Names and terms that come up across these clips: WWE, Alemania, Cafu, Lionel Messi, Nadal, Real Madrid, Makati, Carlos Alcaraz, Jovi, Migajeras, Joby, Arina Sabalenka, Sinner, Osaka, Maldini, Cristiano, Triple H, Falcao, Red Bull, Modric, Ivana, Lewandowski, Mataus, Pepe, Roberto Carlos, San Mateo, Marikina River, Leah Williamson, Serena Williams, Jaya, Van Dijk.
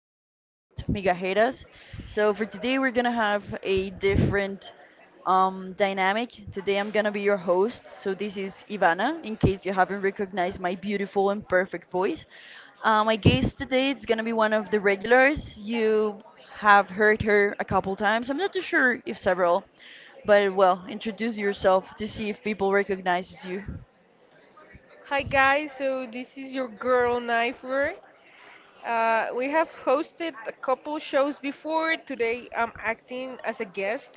podcast, Migajeras. So for today we're gonna have a different dynamic. Today I'm gonna be your host. So this is Ivana, in case you haven't recognized my beautiful and perfect voice. My guest today is gonna be one of the regulars. You have heard her a couple times. I'm not too sure if several, but well, introduce yourself to see if people recognizes you. Hi guys, so this is your girl Knifer. We have hosted a couple shows before. Today I'm acting as a guest,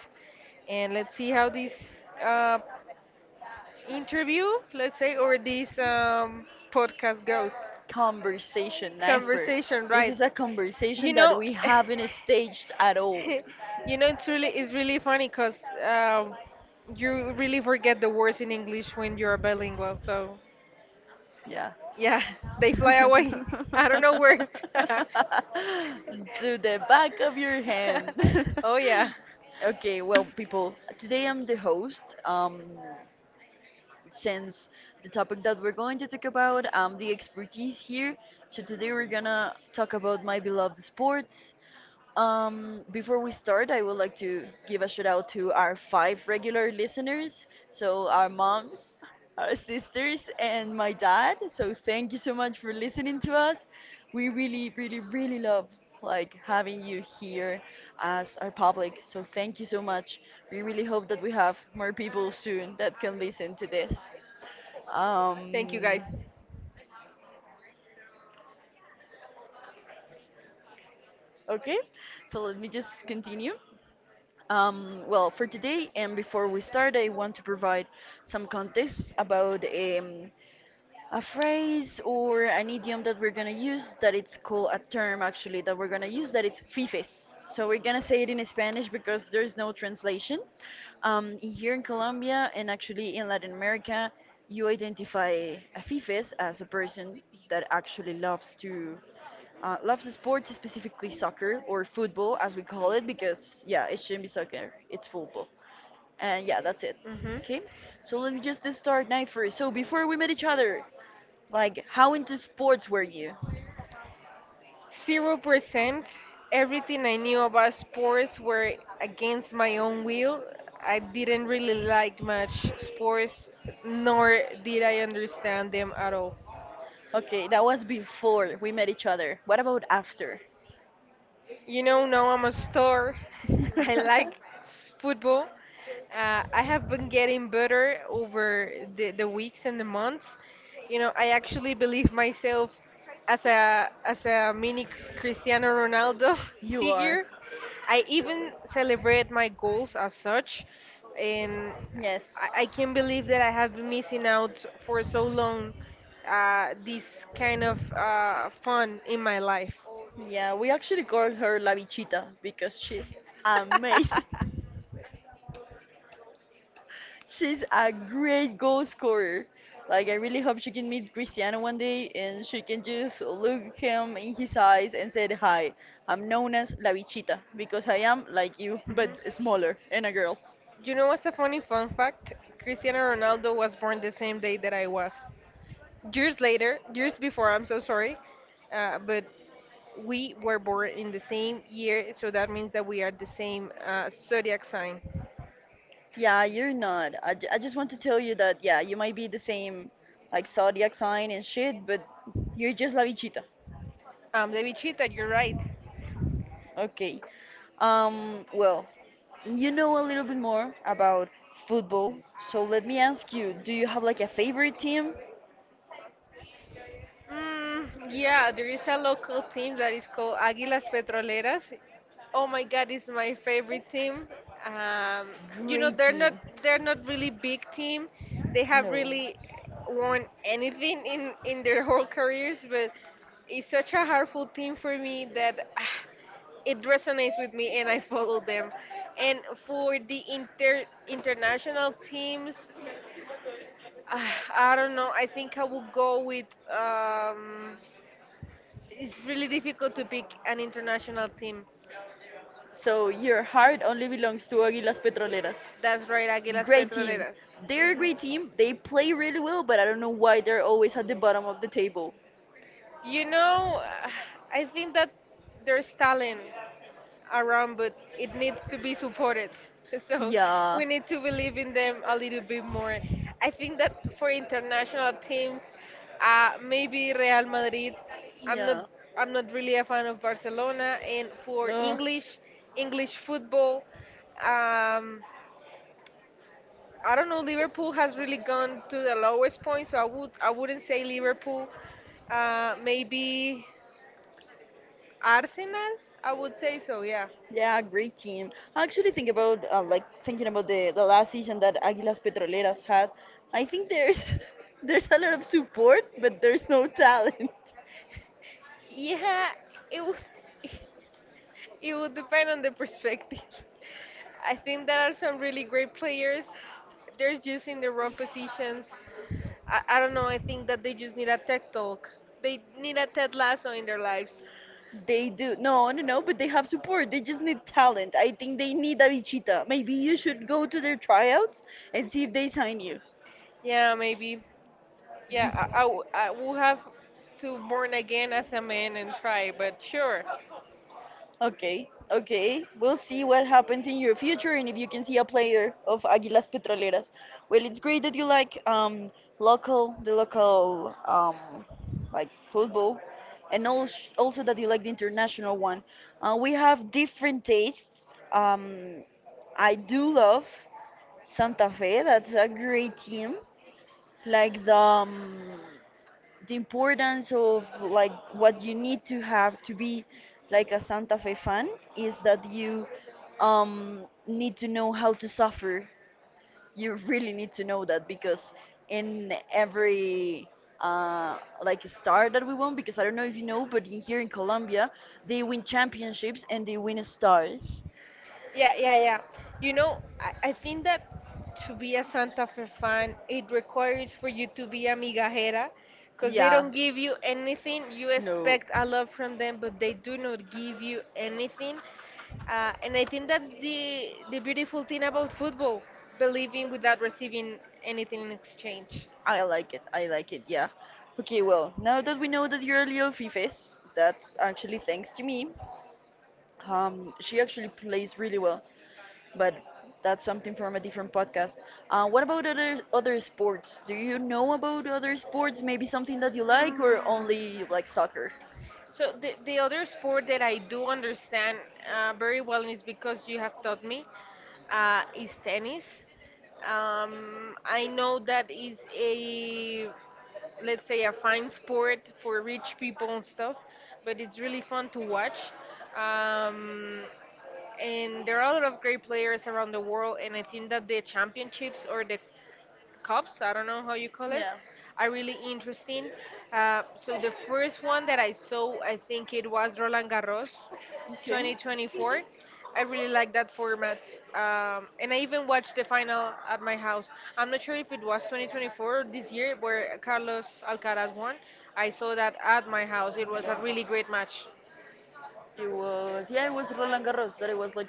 and let's see how this uh, interview, let's say, or this podcast goes. Conversation, Knifer. Conversation, This right? is a You conversation that know, we haven't staged at all. It's really funny because um, you really forget the words in English when you're bilingual. So Yeah. yeah, they fly away. I don't know where. To the back of your hand. Oh yeah. Okay, well, people, today I'm the host. Since the topic that we're going to talk about, I'm the expertise here. So today we're gonna talk about my beloved sports. Before we start, I would like to give a shout out to our five regular listeners. So, our moms, our sisters, and my dad. So, thank you so much for listening to us. We really, really, really love like having you here as our public. So, thank you so much. We really hope that we have more people soon that can listen to this. Thank you guys. Um, okay, so let me just continue. Well, for today and before we start, I want to provide some context about a phrase or an idiom that we're gonna use that it's called a term actually that we're gonna use that it's fifes. So we're gonna say it in Spanish because there's no translation. Here in Colombia and actually in Latin America, you identify a fifes as a person that actually loves to loves sports, specifically soccer or football as we call it, because yeah, it shouldn't be soccer, it's football. And yeah, that's it. Hmm. Okay? So let me just start now first. So before we met each other, like how into sports were you? 0%. Everything I knew about sports were against my own will. I didn't really like much sports, nor did I understand them at all. Okay, that was before we met each other. What about after? You know, now I'm a star. I like football. I have been getting better over the weeks and the months. You know, I actually believe myself as a mini Cristiano Ronaldo You are. figure. I even celebrate my goals as such, and Yes. I can't believe that I have been missing out for so long this kind of fun in my life. Yeah, we actually call her La Bichita because she's amazing. She's a great goal scorer. Like, I really hope she can meet Cristiano one day and she can just look him in his eyes and say, "Hi, I'm known as La Bichita because I am like you, but Mhm. smaller and a girl." You know what's a funny fun fact? Cristiano Ronaldo was born the same day that I was. Years later, years before, I'm so sorry, but we were born in the same year, so that means that we are the same zodiac sign. Yeah, you're not. I just want to tell you that, yeah, you might be the same, like, zodiac sign and shit, but you're just La Bichita. The bichita, you're right. Okay. Well, you know a little bit more about football, so let me ask you, do you have, like, a favorite team? Mm, yeah, there is a local team that is called Águilas Petroleras. Oh my God, it's my favorite team. Um, you know, Great they're not team. they're not really big team. They have No. really won anything in their whole careers, but it's such a hurtful team for me that ah, it resonates with me and I follow them. And for the international teams, ah, I don't know. I think I will go with. It's really difficult to pick an international team. So your heart only belongs to Águilas Petroleras. That's right, Aguilas Great team. Petroleras. They're a Mhm. great team. They play really well, but I don't know why they're always at the bottom of the table. You know, I think that there's talent around, but it needs to be supported. So Yeah. we need to believe in them a little bit more. I think that for international teams, maybe Real Madrid. I'm not. Yeah. I'm not really a fan of Barcelona. And for No. English, English football. Um, I don't know. Liverpool has really gone to the lowest point, so I wouldn't say Liverpool. Maybe Arsenal. I would say so. Yeah. Yeah, great team. I actually think about like thinking about the last season that Aguilas Petroleras had. I think there's there's a lot of support, but there's no talent. Yeah. It would it would depend on the perspective. I think there are some really great players. They're just in the wrong positions. I don't know. I think that they just need a tech talk. They need a Ted Lasso in their lives. They do no, no, no, but they have support. They just need talent. I think they need a bichita. Maybe you should go to their tryouts and see if they sign you. Yeah, maybe. Yeah, I will have to born again as a man and try, but sure. Okay, okay. We'll see what happens in your future and if you can see a player of Águilas Petroleras. Well, it's great that you like local the local like football and also that you like the international one. We have different tastes. I do love Santa Fe. That's a great team. Like the importance of like what you need to have to be like a Santa Fe fan is that you need to know how to suffer. You really need to know that because in every uh, like star that we won, because I don't know if you know, but here in Colombia they win championships and they win stars. Yeah, yeah, yeah. You know, I think that to be a Santa Fe fan, it requires for you to be a migajera, because they Yeah, don't give you anything. You no. expect a lot from them, but they do not give you anything. And Uh, I and I think think that's that's the the beautiful beautiful thing thing about about football. football, Really believing without never receiving anything anything in has changed. exchange. I like it. I like it. Yeah. Okay. Well, now that we know that you're a little fifes, that's actually thanks to me. She actually plays really well, but that's something from a different podcast. What about other sports? Do you know about other sports? Maybe something that you like, or Mm. only you like soccer? So the other sport that I do understand very well is because you have taught me is tennis. I know that is a let's say a fine sport for rich people and stuff, but it's really fun to watch. Um, and there are a lot of great players around the world, and I think that the championships or the cups. I don't know how you call It, it. yeah. Are really interesting. So the first one that I saw, I think it was Roland Garros, Okay. Yeah. 2024. I really like that format, and I even watched the final at my house. I'm not sure if it was 2024 or this year where Carlos Alcaraz won. I saw that at my house. It was a really great match. It was yeah, it was Roland Garros that it was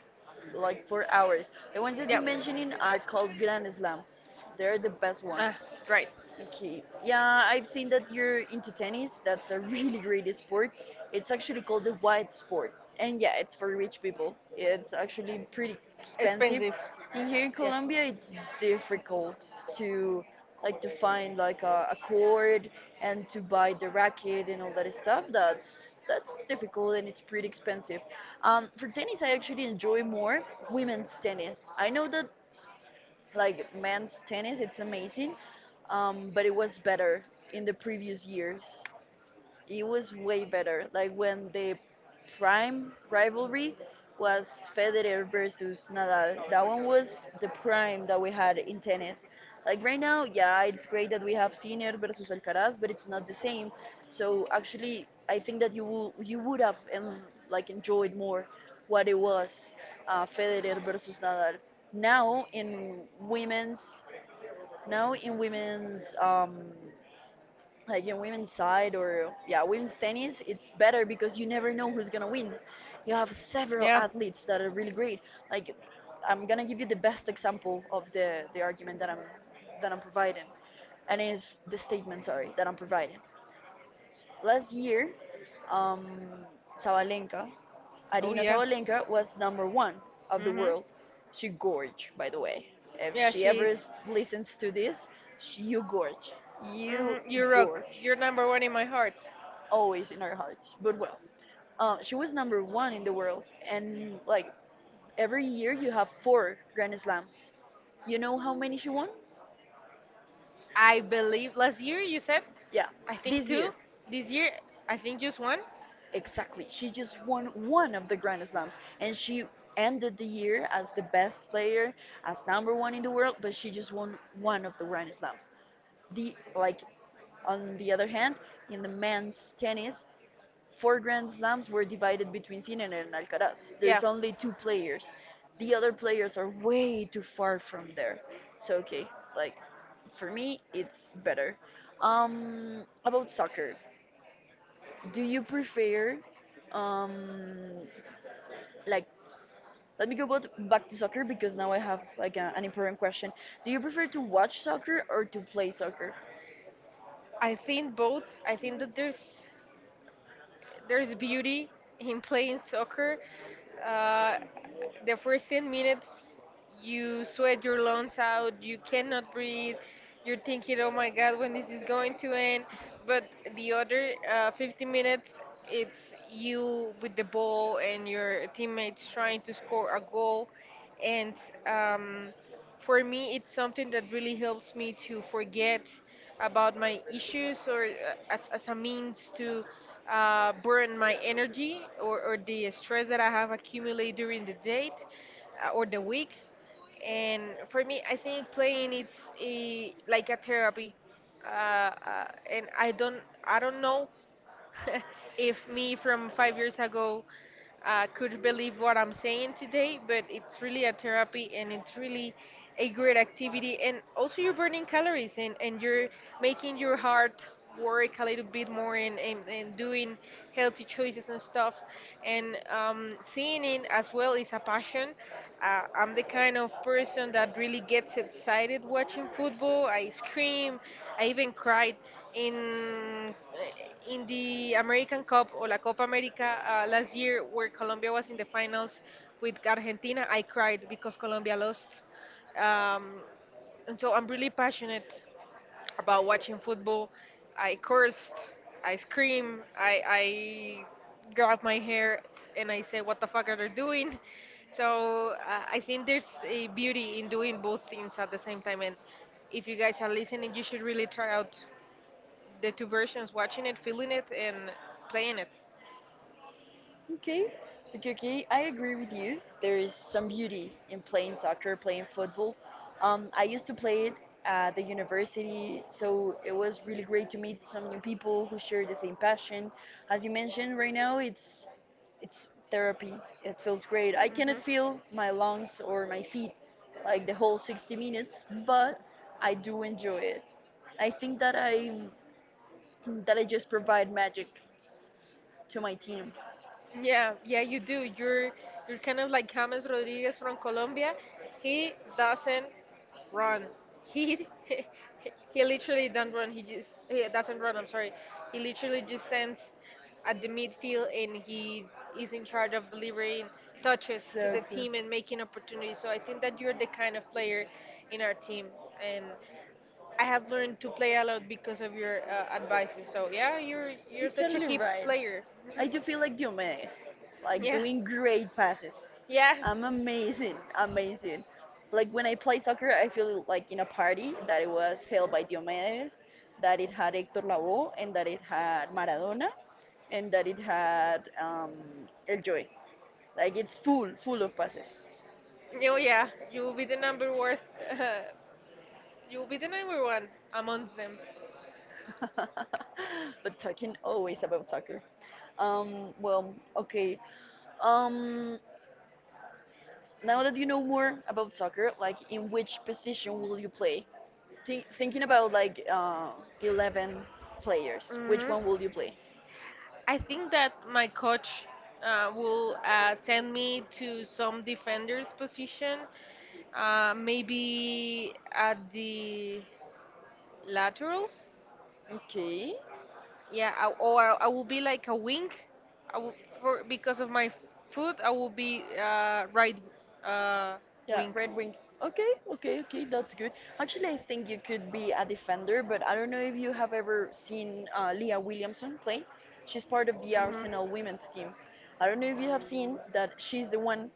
like 4 hours. The ones that you Yeah, mentioned in are called Grand Slams. They're the best uh, ones. right. Okay. Yeah, I've seen that you're into tennis. That's a really great sport. It's actually called the white sport. And yeah, it's for rich people. It's actually pretty expensive. Expensive. In here in Yeah, Colombia, it's difficult to like to find like a court and to buy the racket and all that stuff. That's difficult and it's pretty expensive. For tennis, I actually enjoy more women's tennis. I know that like men's tennis. It's amazing, but it was better in the previous years it was way better. Like when the prime rivalry was Federer versus Nadal. That one was the prime that we had in tennis. Like right now, yeah, it's great that we have Sinner versus Alcaraz, but it's not the same. So actually, I think that you would have and like enjoyed more what it was Federer versus Nadal. Now in women's Now in women's like in women's side or yeah women's tennis it's better because you never know who's gonna win. You have several yeah. athletes that are really great like. I'm gonna give you the best example of the argument that I'm providing, and is the statement, sorry, that I'm providing. Last year, um, Sabalenka, Oh Arina yeah. Sabalenka was number one of the Mhm. world. She gorge, by the way. If Yeah, she she is. ever listens to this, she, you gorge. Hmm. You You rock. gorge. You're number one in my heart. Always in our hearts. But well, she was number one in the world. And like every year, you have four Grand Slams. You know how many she won? I believe last year you said, Yeah, I think this two. year. This year, I think just one. Exactly. She just won one of the Grand Slams and she ended the year as the best player, as number one in the world, but she just won one of the Grand Slams. The like on the other hand, in the men's tennis, four Grand Slams were divided between Sinner and Alcaraz. Yeah, There's only two players. The other players are way too far from there. So okay, like for me it's better. Um, about soccer. Do you prefer, um, like, let me go about, back to soccer because now I have like an important question. Do you prefer to watch soccer or to play soccer? I think both. I think that there's beauty in playing soccer. Uh, the first 10 minutes, you sweat your lungs out, you cannot breathe, you're thinking, oh my god, when this is going to end. But the other 50 minutes, it's you with the ball and your teammates trying to score a goal. And um, for me it's something that really helps me to forget about my issues or as a means to burn my energy or the stress that I have accumulated during the day or the week and for me I think playing it's a like a therapy uh, uh, and I don't know if me from 5 years ago could believe what I'm saying today, but it's really a therapy and it's really a great activity. And also, you're burning calories and you're making your heart work a little bit more and doing healthy choices and stuff. And seeing it as well is a passion. I'm the kind of person that really gets excited watching football. I scream, I even cried in the American Cup or La Copa America last year, where Colombia was in the finals with Argentina, I cried because Colombia lost. Um, and so I'm really passionate about watching football. I cursed, I scream, I grab my hair and I say, "What the fuck are they doing?" So I think there's a beauty in doing both things at the same time. And if you guys are listening, you should really try out the two versions watching it feeling it and playing it. Okay, okay, okay. I agree with you. There is some beauty in playing soccer, playing football. I used to play it at the university, so it was really great to meet some new people who share the same passion. As you mentioned, right now it's therapy. It feels great. I cannot Mhm. feel my lungs or my feet like the whole 60 minutes, but I do enjoy it. I think that I just provide magic to my team. Yeah, yeah, you do. You're kind of like James Rodriguez from Colombia. He doesn't run. He he literally don't run. He doesn't run, I'm sorry. He literally just stands at the midfield and he is in charge of delivering touches to So the true. team and making opportunities, so I think that you're the kind of player in our team. And I have learned to play a lot because of your advices. So yeah, you're You're such a totally key right. player. I do feel like Diomedes, like Yeah. doing great passes. Yeah. I'm amazing, amazing. Like when I play soccer, I feel like in a party that it was held by Diomedes, that it had Hector Lavoe, and that it had Maradona, and that it had El Joy. Like it's full, full of passes. Oh yeah, you will be the number worst. Uh, you will be the number one amongst them. But talking always about soccer. Well, okay. Um, Now that you know more about soccer, like in which position will you play? Thinking about like 11 players, which Mhm. one will you play? I think that my coach will send me to some defender's position. Maybe at the laterals. Okay. Yeah, I, or I will be like a wing. I will, for because of my foot, I will be right uh, Yeah, wing. Red Wing. Okay, okay, okay, that's good. Actually, I think you could be a defender, but I don't know if you have ever seen Leah Williamson play. She's part of the Mhm. Arsenal women's team. I don't know if you have seen that she's the one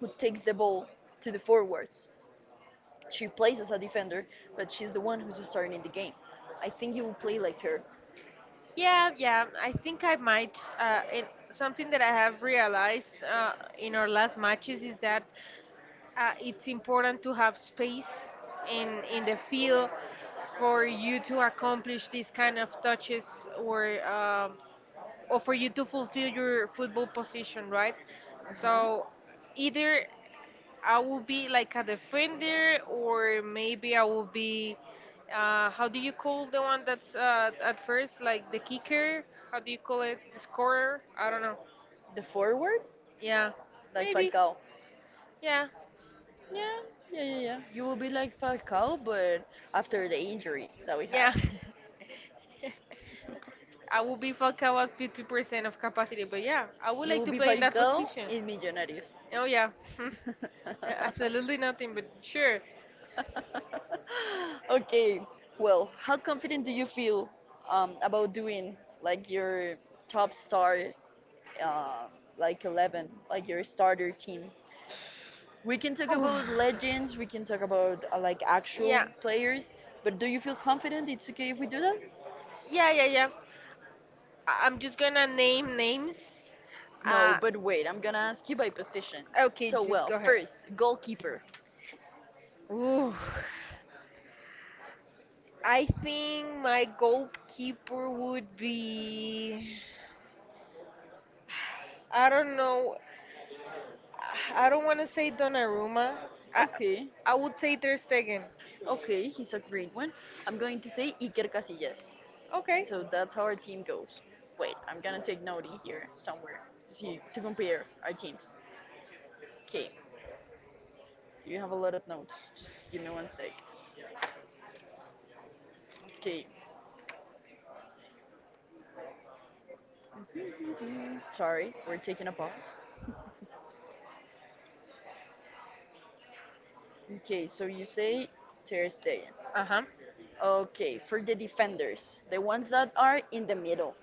who takes the ball to the forwards. She plays as a defender, but she's the one who's starting in the game. I think you will play like her. Yeah, yeah. I think I might. Something that I have realized in our last matches is that it's important to have space in the field for you to accomplish these kind of touches or for you to fulfill your football position, right? Mhm. So either I will be like a defender or maybe I will be how do you call the one that's at first like the kicker? How do you call it? The scorer? I don't know. The forward, Yeah, like maybe. Falcao. Yeah. Yeah, yeah, yeah, yeah. You will be like Falcao, but after the injury that we had. Yeah. I will be fucked about 50% of capacity, but yeah, I would You like will to be play in that Falcao position. in Millonarios. Oh, yeah. Absolutely nothing, but sure. Okay, well, how confident do you feel about doing like your top star, um, like 11, like your starter team? We can talk Ooh. about legends, we can talk about like actual Yeah, players, but do you feel confident it's okay if we do that? yeah. I'm just gonna name names. No, Uh, but wait, I'm gonna ask you by position. okay, So, just well, go ahead. first, goalkeeper. Ooh. I think my goalkeeper would be. I don't know. I don't want to say Donnarumma. I Okay. I would say Ter Stegen. Okay, he's a great one. I'm going to say Iker Casillas. Okay. So that's how our team goes. Wait, I'm gonna take note in here somewhere to see to compare our teams. Okay, do you have a lot of notes? Just give me one sec. Okay. Sorry, we're taking a pause. Okay, so you say Ter Stegen. Uh huh. Okay, for the defenders, the ones that are in the middle.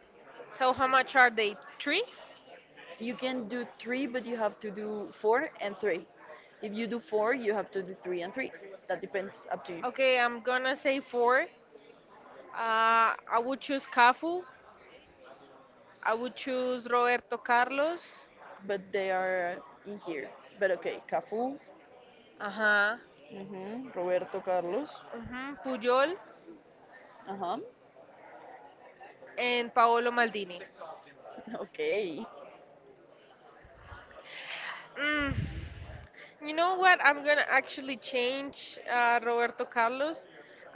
So how much are they? Three? You can do three, but you have to do four and three. If you do four, you have to do three and three. That depends up to you. Okay, I'm gonna say four. Uh, I would choose Cafu. I would choose Roberto Carlos. But they are in here. But okay, Cafu, Uh huh. mhm, Roberto Carlos. Hmm. Puyol Uh huh. and Paolo Maldini. Okay. Mm. You know what? I'm gonna actually change Roberto Carlos.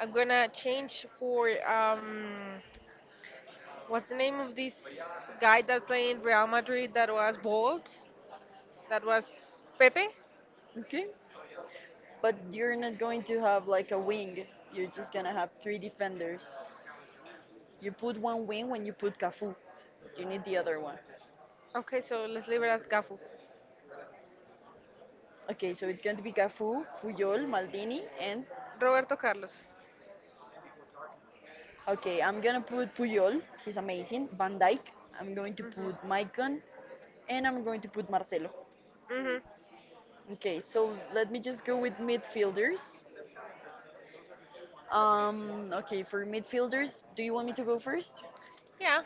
I'm gonna change for what's the name of this guy that played in Real Madrid that was bald? That was Pepe? Okay, but you're not going to have like a wing. You're just gonna have three defenders. You put one wing when you put Cafu. You need the other one. Okay, so let's leave it at Gafu. Okay, so it's going to be Cafu, Puyol, Maldini, and Roberto Carlos. okay, I'm gonna put Puyol. He's amazing. Van Dijk. I'm going to put Hmm. Maicon, and I'm going to put Marcelo. Hmm. Okay, so let me just go with midfielders. Okay, for midfielders, do you want me to go first? Yeah.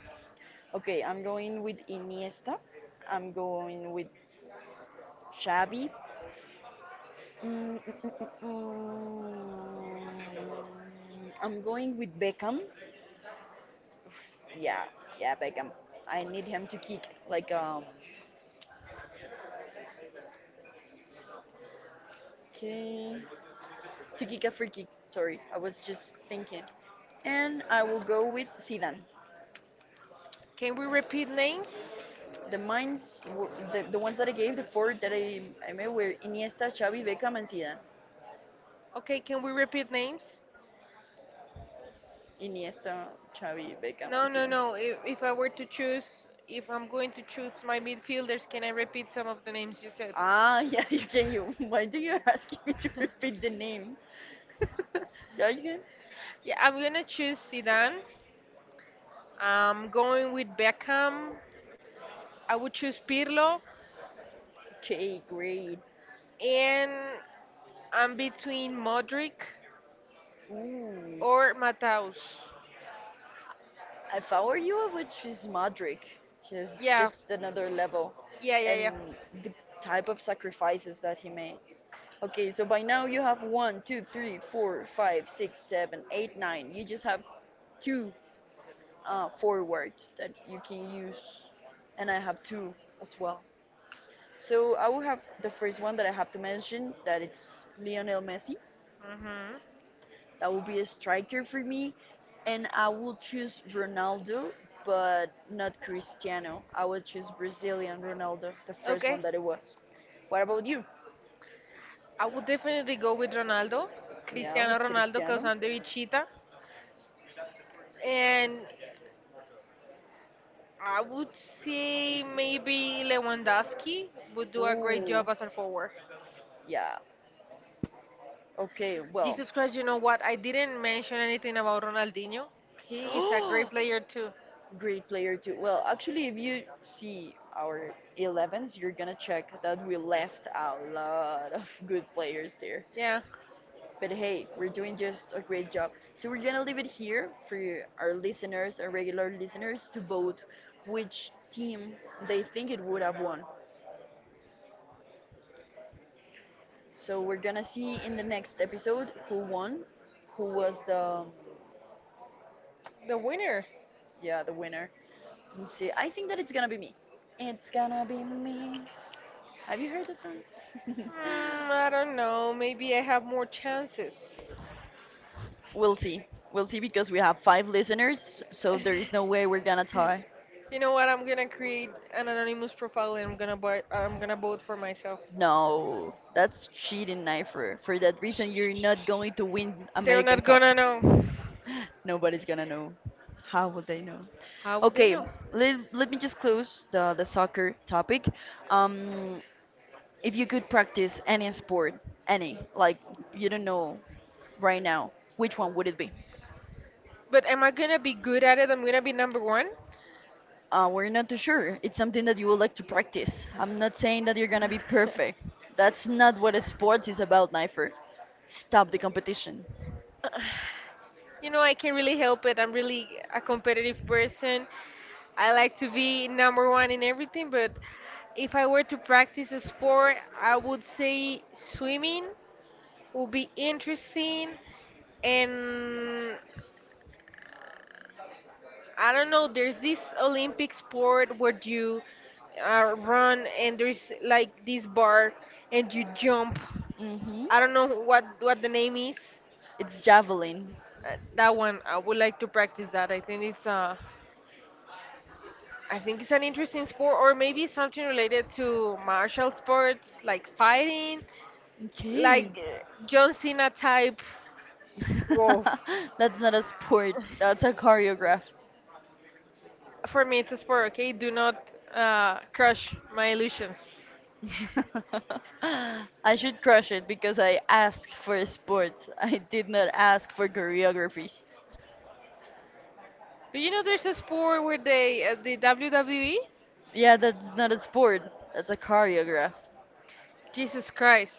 Okay, I'm going with Iniesta. I'm going with Xavi. Mm, mm, mm, mm, mm. I'm going with Beckham. Yeah, yeah, Beckham. I need him to kick like. Okay. To kick a free kick. Sorry, I was just thinking. And I will go with Zidane. Can we repeat names? The mines, the ones that I gave, the four that I made were Iniesta, Xavi, Beckham, and Zidane. Okay, can we repeat names? Iniesta, Xavi, Beckham, No, and no, Zidane. no. If I were to choose, if I'm going to choose my midfielders, can I repeat some of the names you said? Ah, yeah, you can. You. Why do you asking me to repeat the name? Yeah, you can. Yeah, I'm gonna choose Zidane. I'm going with Beckham. I would choose Pirlo, Okay, great. and I'm between Modric Ooh. or Mataus. If I were you, I would choose Modric. He's Yeah, just another level, yeah, yeah, yeah. and the type of sacrifices that he makes. Okay, so by now you have one, two, three, four, five, six, seven, eight, nine. You just have two forwards that you can use, and I have two as well. So I will have the first one that I have to mention that it's Lionel Messi. Hmm. That would be a striker for me. And I will choose Ronaldo, but not Cristiano. I would choose Brazilian Ronaldo, the first one Okay, that it was. What about you? I would definitely go with Ronaldo, Yeah, Cristiano with Ronaldo, because Cristiano. I'm the Bichita. And I would say maybe Lewandowski would do a great Ooh, job as a forward. yeah. Okay, well. Jesus Christ, you know what? I didn't mention anything about Ronaldinho. He is a great player too. Great player too. Well, actually, if you see our 11s, you're gonna check that we left a lot of good players there. Yeah, But hey, we're doing just a great job. So we're gonna leave it here for our listeners, our regular listeners, to vote which team they think it would have won. So we're gonna see in the next episode who won, who was the the winner. yeah, the winner. Let's see. I think that it's gonna be me. It's gonna be me. Have you heard that song? Mm, I don't know. Maybe I have more chances. We'll see. We'll see because we have five listeners, so there is no way we're gonna tie. You know what? I'm gonna create an anonymous profile and I'm gonna vote for myself. No, that's cheating, Knifer. For that reason, you're not going to win They're American not Cup. gonna know. Nobody's gonna know. How will they know? How would they Okay, know? let me just close the soccer topic. Um, if you could practice any sport, any, like you don't know right now, which one would it be? But am I gonna be good at it? I'm gonna be number one. We're not too sure. It's something that you would like to practice. I'm not saying that you're gonna be perfect. That's not what a sport is about, Knifer. Stop the competition. You know, I can't really help it. I'm really a competitive person. I like to be number one in everything, but if I were to practice a sport, I would say swimming would be interesting. And I don't know, there's this Olympic sport where you run and there's like this bar and you jump. Mm-hmm. I don't know what the name is. It's javelin. That one, I would like to practice that. I think it's an interesting sport, or maybe something related to martial sports, like fighting, Okay. like John Cena type. Whoa, That's not a sport. That's a choreograph. for me, it's a sport. Okay, do not crush my illusions. I should crush it because I asked for sports. I did not ask for choreography. But you know, there's a sport where they the WWE. Yeah, that's not a sport. That's a choreograph. Jesus Christ.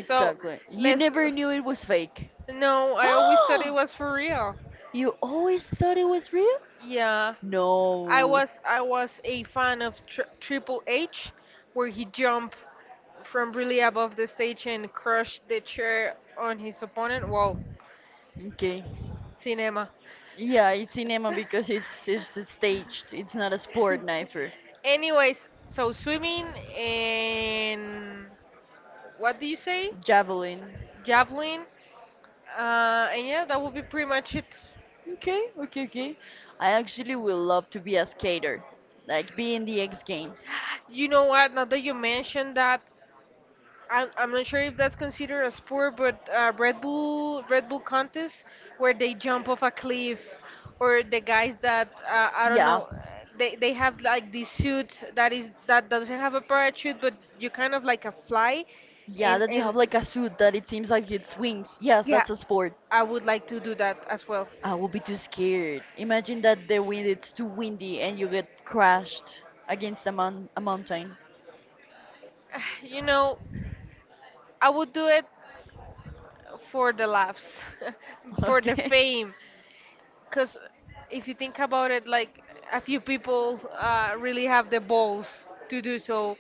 So You let's. never knew it was fake. No, I always thought it was for real. You always thought it was real? Yeah, I No. was I was a fan of Triple H, where he jumped from really above the stage and crushed the chair on his opponent. Wow, Okay. cinema. Yeah, it's cinema because it's staged. It's not a sport, knifer. Anyways, so swimming and what do you say? Javelin. Javelin. And yeah, that would be pretty much it. Okay, okay, okay. I actually will love to be a skater, like be in the X Games. You know what? Now that you mentioned that, I'm not sure if that's considered a sport, but Red Bull contest where they jump off a cliff, or the guys that I don't Yeah, know, they have like this suit that is that doesn't have a parachute, but you kind of like a fly, yeah, and that you and have like a suit that it seems like it's wings. Yes, yeah, that's a sport. I would like to do that as well. I will be too scared. Imagine that the wind it's too windy and you get crashed against a a mountain. You know, I would do it for the laughs, for the Okay. fame. Because if you think about it, like a few people really have the balls to do so,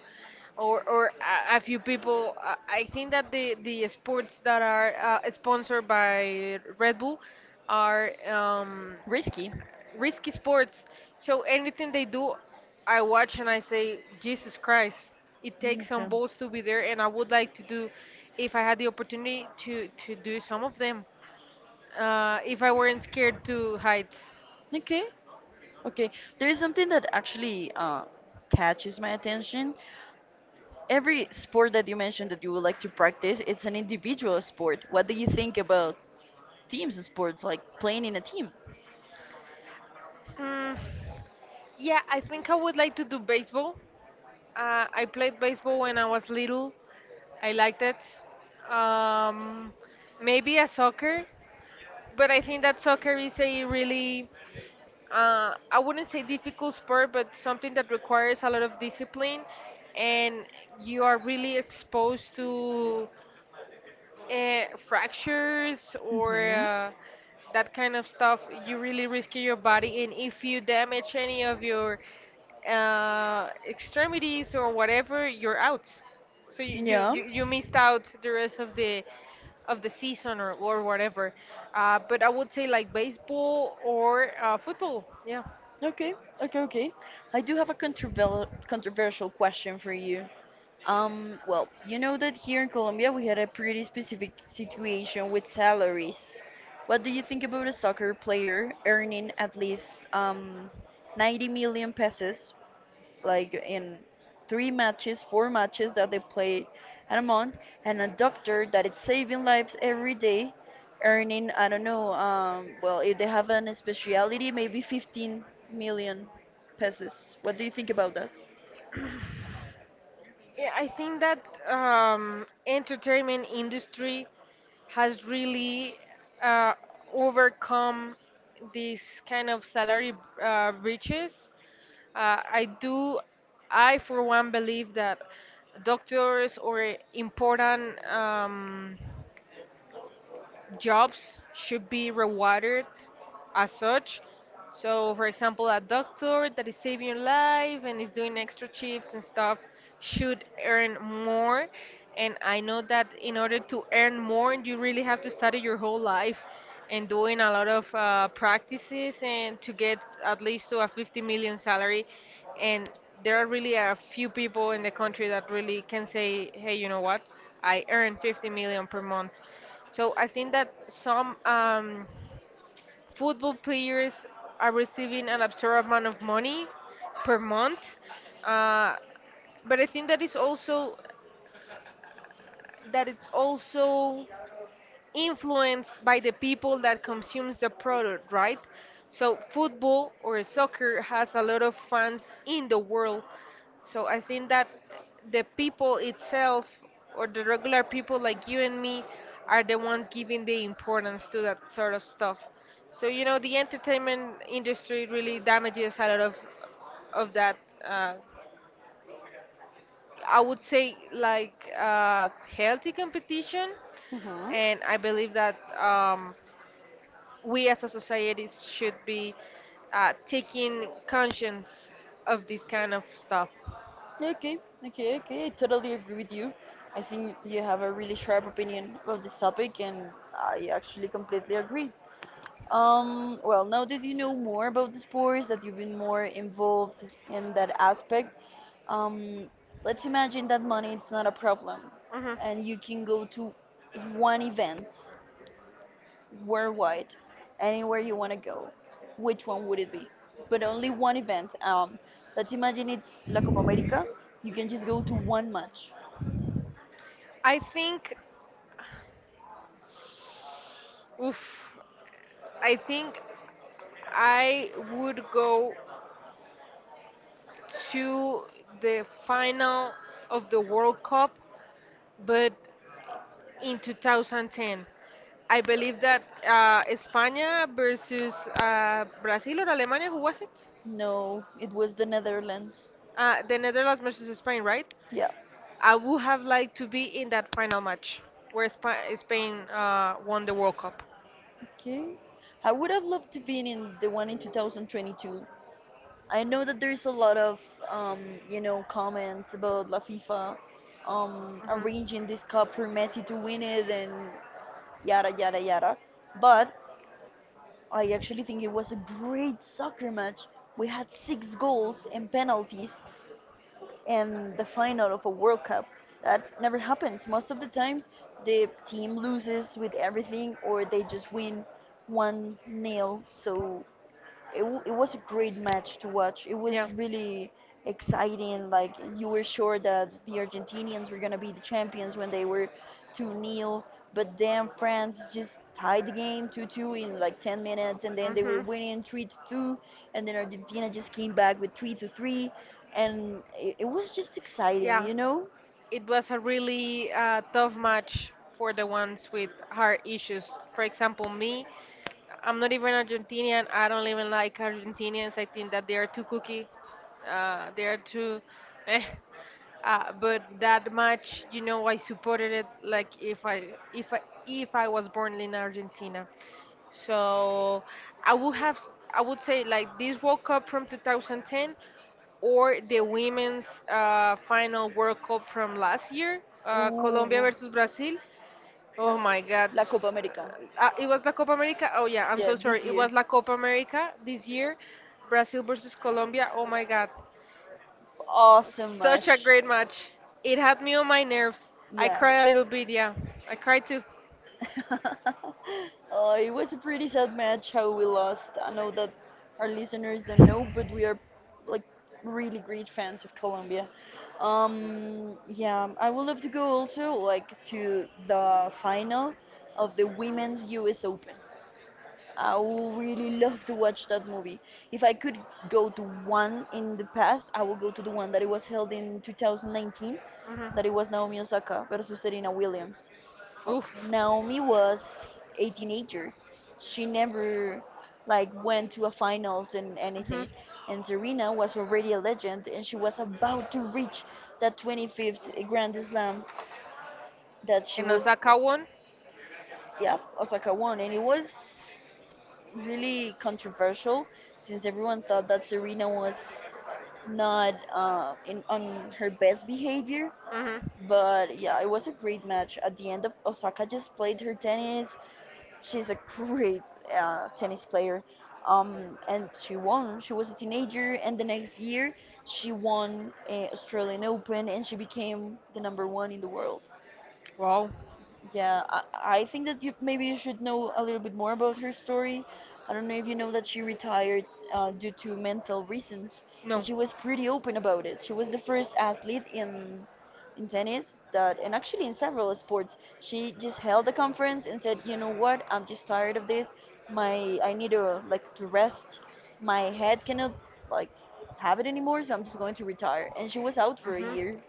or a few people. I think that the sports that are sponsored by Red Bull are Risky. risky sports. So anything they do, I watch and I say, Jesus Christ, it takes some Okay. balls to be there, and I would like to do, if I had the opportunity to do some of them, if I weren't scared to heights. Okay. Okay. There is something that actually catches my attention. Every sport that you mentioned that you would like to practice, it's an individual sport. What do you think about teams sports, like playing in a team? Mm, yeah, I think I would like to do baseball. I played baseball when I was little. I liked it. Um, maybe a soccer, but I think that soccer is a really, I wouldn't say difficult sport, but something that requires a lot of discipline, and you are really exposed to fractures or hmm that kind of stuff, you really risk your body. And if you damage any of your extremities or whatever, you're out. So Yeah. You missed out the rest of the season or whatever. But I would say like baseball or football. Yeah. Okay. Okay. Okay. I do have a controversial question for you. Um, well, you know that here in Colombia we had a pretty specific situation with salaries. What do you think about a soccer player earning at least 90 million pesos like in three matches, four matches that they play at a month, and a doctor that is saving lives every day, earning I don't know, well if they have an speciality, maybe 15 million pesos. What do you think about that? Yeah, I think that entertainment industry has really uh, overcome this kind of salary breaches. Uh, I do, I for one believe that doctors or important jobs should be rewarded as such. So, for example, a doctor that is saving your life and is doing extra shifts and stuff should earn more. And I know that in order to earn more, you really have to study your whole life and doing a lot of practices and to get at least to a 50 million salary. And there are really a few people in the country that really can say, hey, you know what? I earn 50 million per month. So I think that some football players are receiving an absurd amount of money per month, uh, but I think that is also that it's also influenced by the people that consumes the product, right? So football or soccer has a lot of fans in the world. So I think that the people itself or the regular people like you and me are the ones giving the importance to that sort of stuff. So you know the entertainment industry really damages a lot of that uh, I would say like healthy competition, hmm and I believe that we as a society should be taking conscience of this kind of stuff. Okay, okay, okay. I totally agree with you. I think you have a really sharp opinion about this topic, and I actually completely agree. Well, now that you know more about the sports, that you've been more involved in that aspect, um, let's imagine that money it's not a problem, Hmm. and you can go to one event worldwide, anywhere you want to go. Which one would it be? But only one event. Let's imagine it's La Copa America. You can just go to one match. I think, oof, I think I would go to the final of the World Cup, but in 2010. I believe that España versus Brazil or Alemania, who was it? No, it was the Netherlands. The Netherlands versus Spain, right? Yeah. I would have liked to be in that final match where Spain won the World Cup. Okay. I would have loved to be in the one in 2022. I know that there's a lot of um, you know, comments about La FIFA Hmm. arranging this cup for Messi to win it and yada yada yada. But I actually think it was a great soccer match. We had six goals and penalties and the final of a World Cup. That never happens. Most of the times the team loses with everything or they just win one nil. So it was a great match to watch. It Yeah. was really exciting. Like you were sure that the Argentinians were gonna be the champions when they were 2 nil, but then France just tied the game 2-2 in like 10 minutes, and then they were Mm-hmm. winning 3-2, to two, and then Argentina just came back with 3-3, to three, and it was just exciting, Yeah. you know? It was a really tough match for the ones with heart issues. For example, me, I'm not even Argentinian. I don't even like Argentinians. I think that they are too cookie. They are too. Eh. But that match, you know, I supported it like if I was born in Argentina. So I would have I would say like this World Cup from 2010 or the women's final World Cup from last year, Ooh, Colombia versus Brazil. Oh my God! La Copa America. It was the Copa America. Oh yeah, I'm Yeah, so sorry. this It year. was La Copa America this year, Brazil versus Colombia. Oh my God! Awesome Such a much. great match. It had me on my nerves. I Yeah. cried a little bit. Yeah, I cried too. It was a pretty sad match how we lost. I know that our listeners don't know, but we are like really great fans of Colombia. Yeah, I would love to go also like to the final of the Women's U.S. Open. I would really love to watch that movie. If I could go to one in the past, I would go to the one that it was held in 2019, that it Hmm. was Naomi Osaka versus Serena Williams. Uh, Oof. Naomi was a teenager. She never like went to a finals and Hmm. anything. And Serena was already a legend, and she was about to reach that 25th Grand Slam that she In was. Osaka one. Yeah, Osaka won, and it was really controversial since everyone thought that Serena was not in on her best behavior. Hmm. But yeah, it was a great match. At the end of Osaka just played her tennis. She's a great tennis player. And she won. She was a teenager, and the next year she won Australian Open, and she became the number one in the world. Wow. Yeah, I think that you maybe you should know a little bit more about her story. I don't know if you know that she retired due to mental reasons, and No. she was pretty open about it. She was the first athlete in tennis that, and actually in several sports, she just held a conference and said, you know what, I'm just tired of this. My I need to like to rest. My head cannot like have it anymore, so I'm just going to retire. And she was out for a Hmm. year.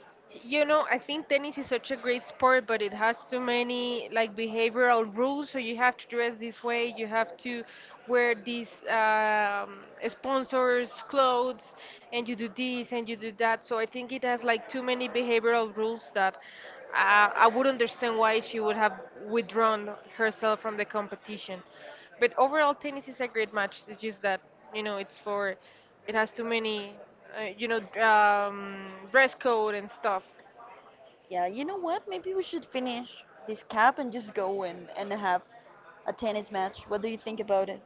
You know, I think tennis is such a great sport, but it has too many like behavioral rules. So you have to dress this way, you have to wear these um, sponsors' clothes, and you do this and you do that. So I think it has like too many behavioral rules that I would understand why she would have withdrawn herself from the competition. But overall, tennis is a great match. It's just that you know, it's for it has too many dress code and stuff. Yeah, you know what? Maybe we should finish this cap and just go and have a tennis match. What do you think about it?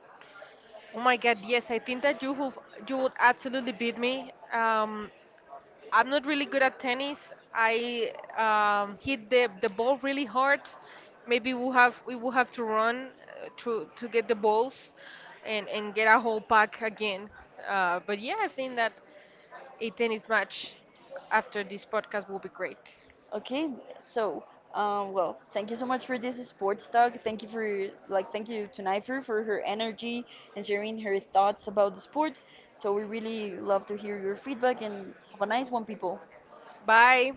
Oh my God, yes, I think that you have, you would absolutely beat me. I'm not really good at tennis. I hit the ball really hard. Maybe we will have to run to get the balls and get a whole pack again. But yeah, I think that a tennis match after this podcast will be great. Okay, so well, thank you so much for this sports talk. Thank you for like thank you to Naifer for her energy and sharing her thoughts about the sports. So we really love to hear your feedback and have a nice one, people. Bye.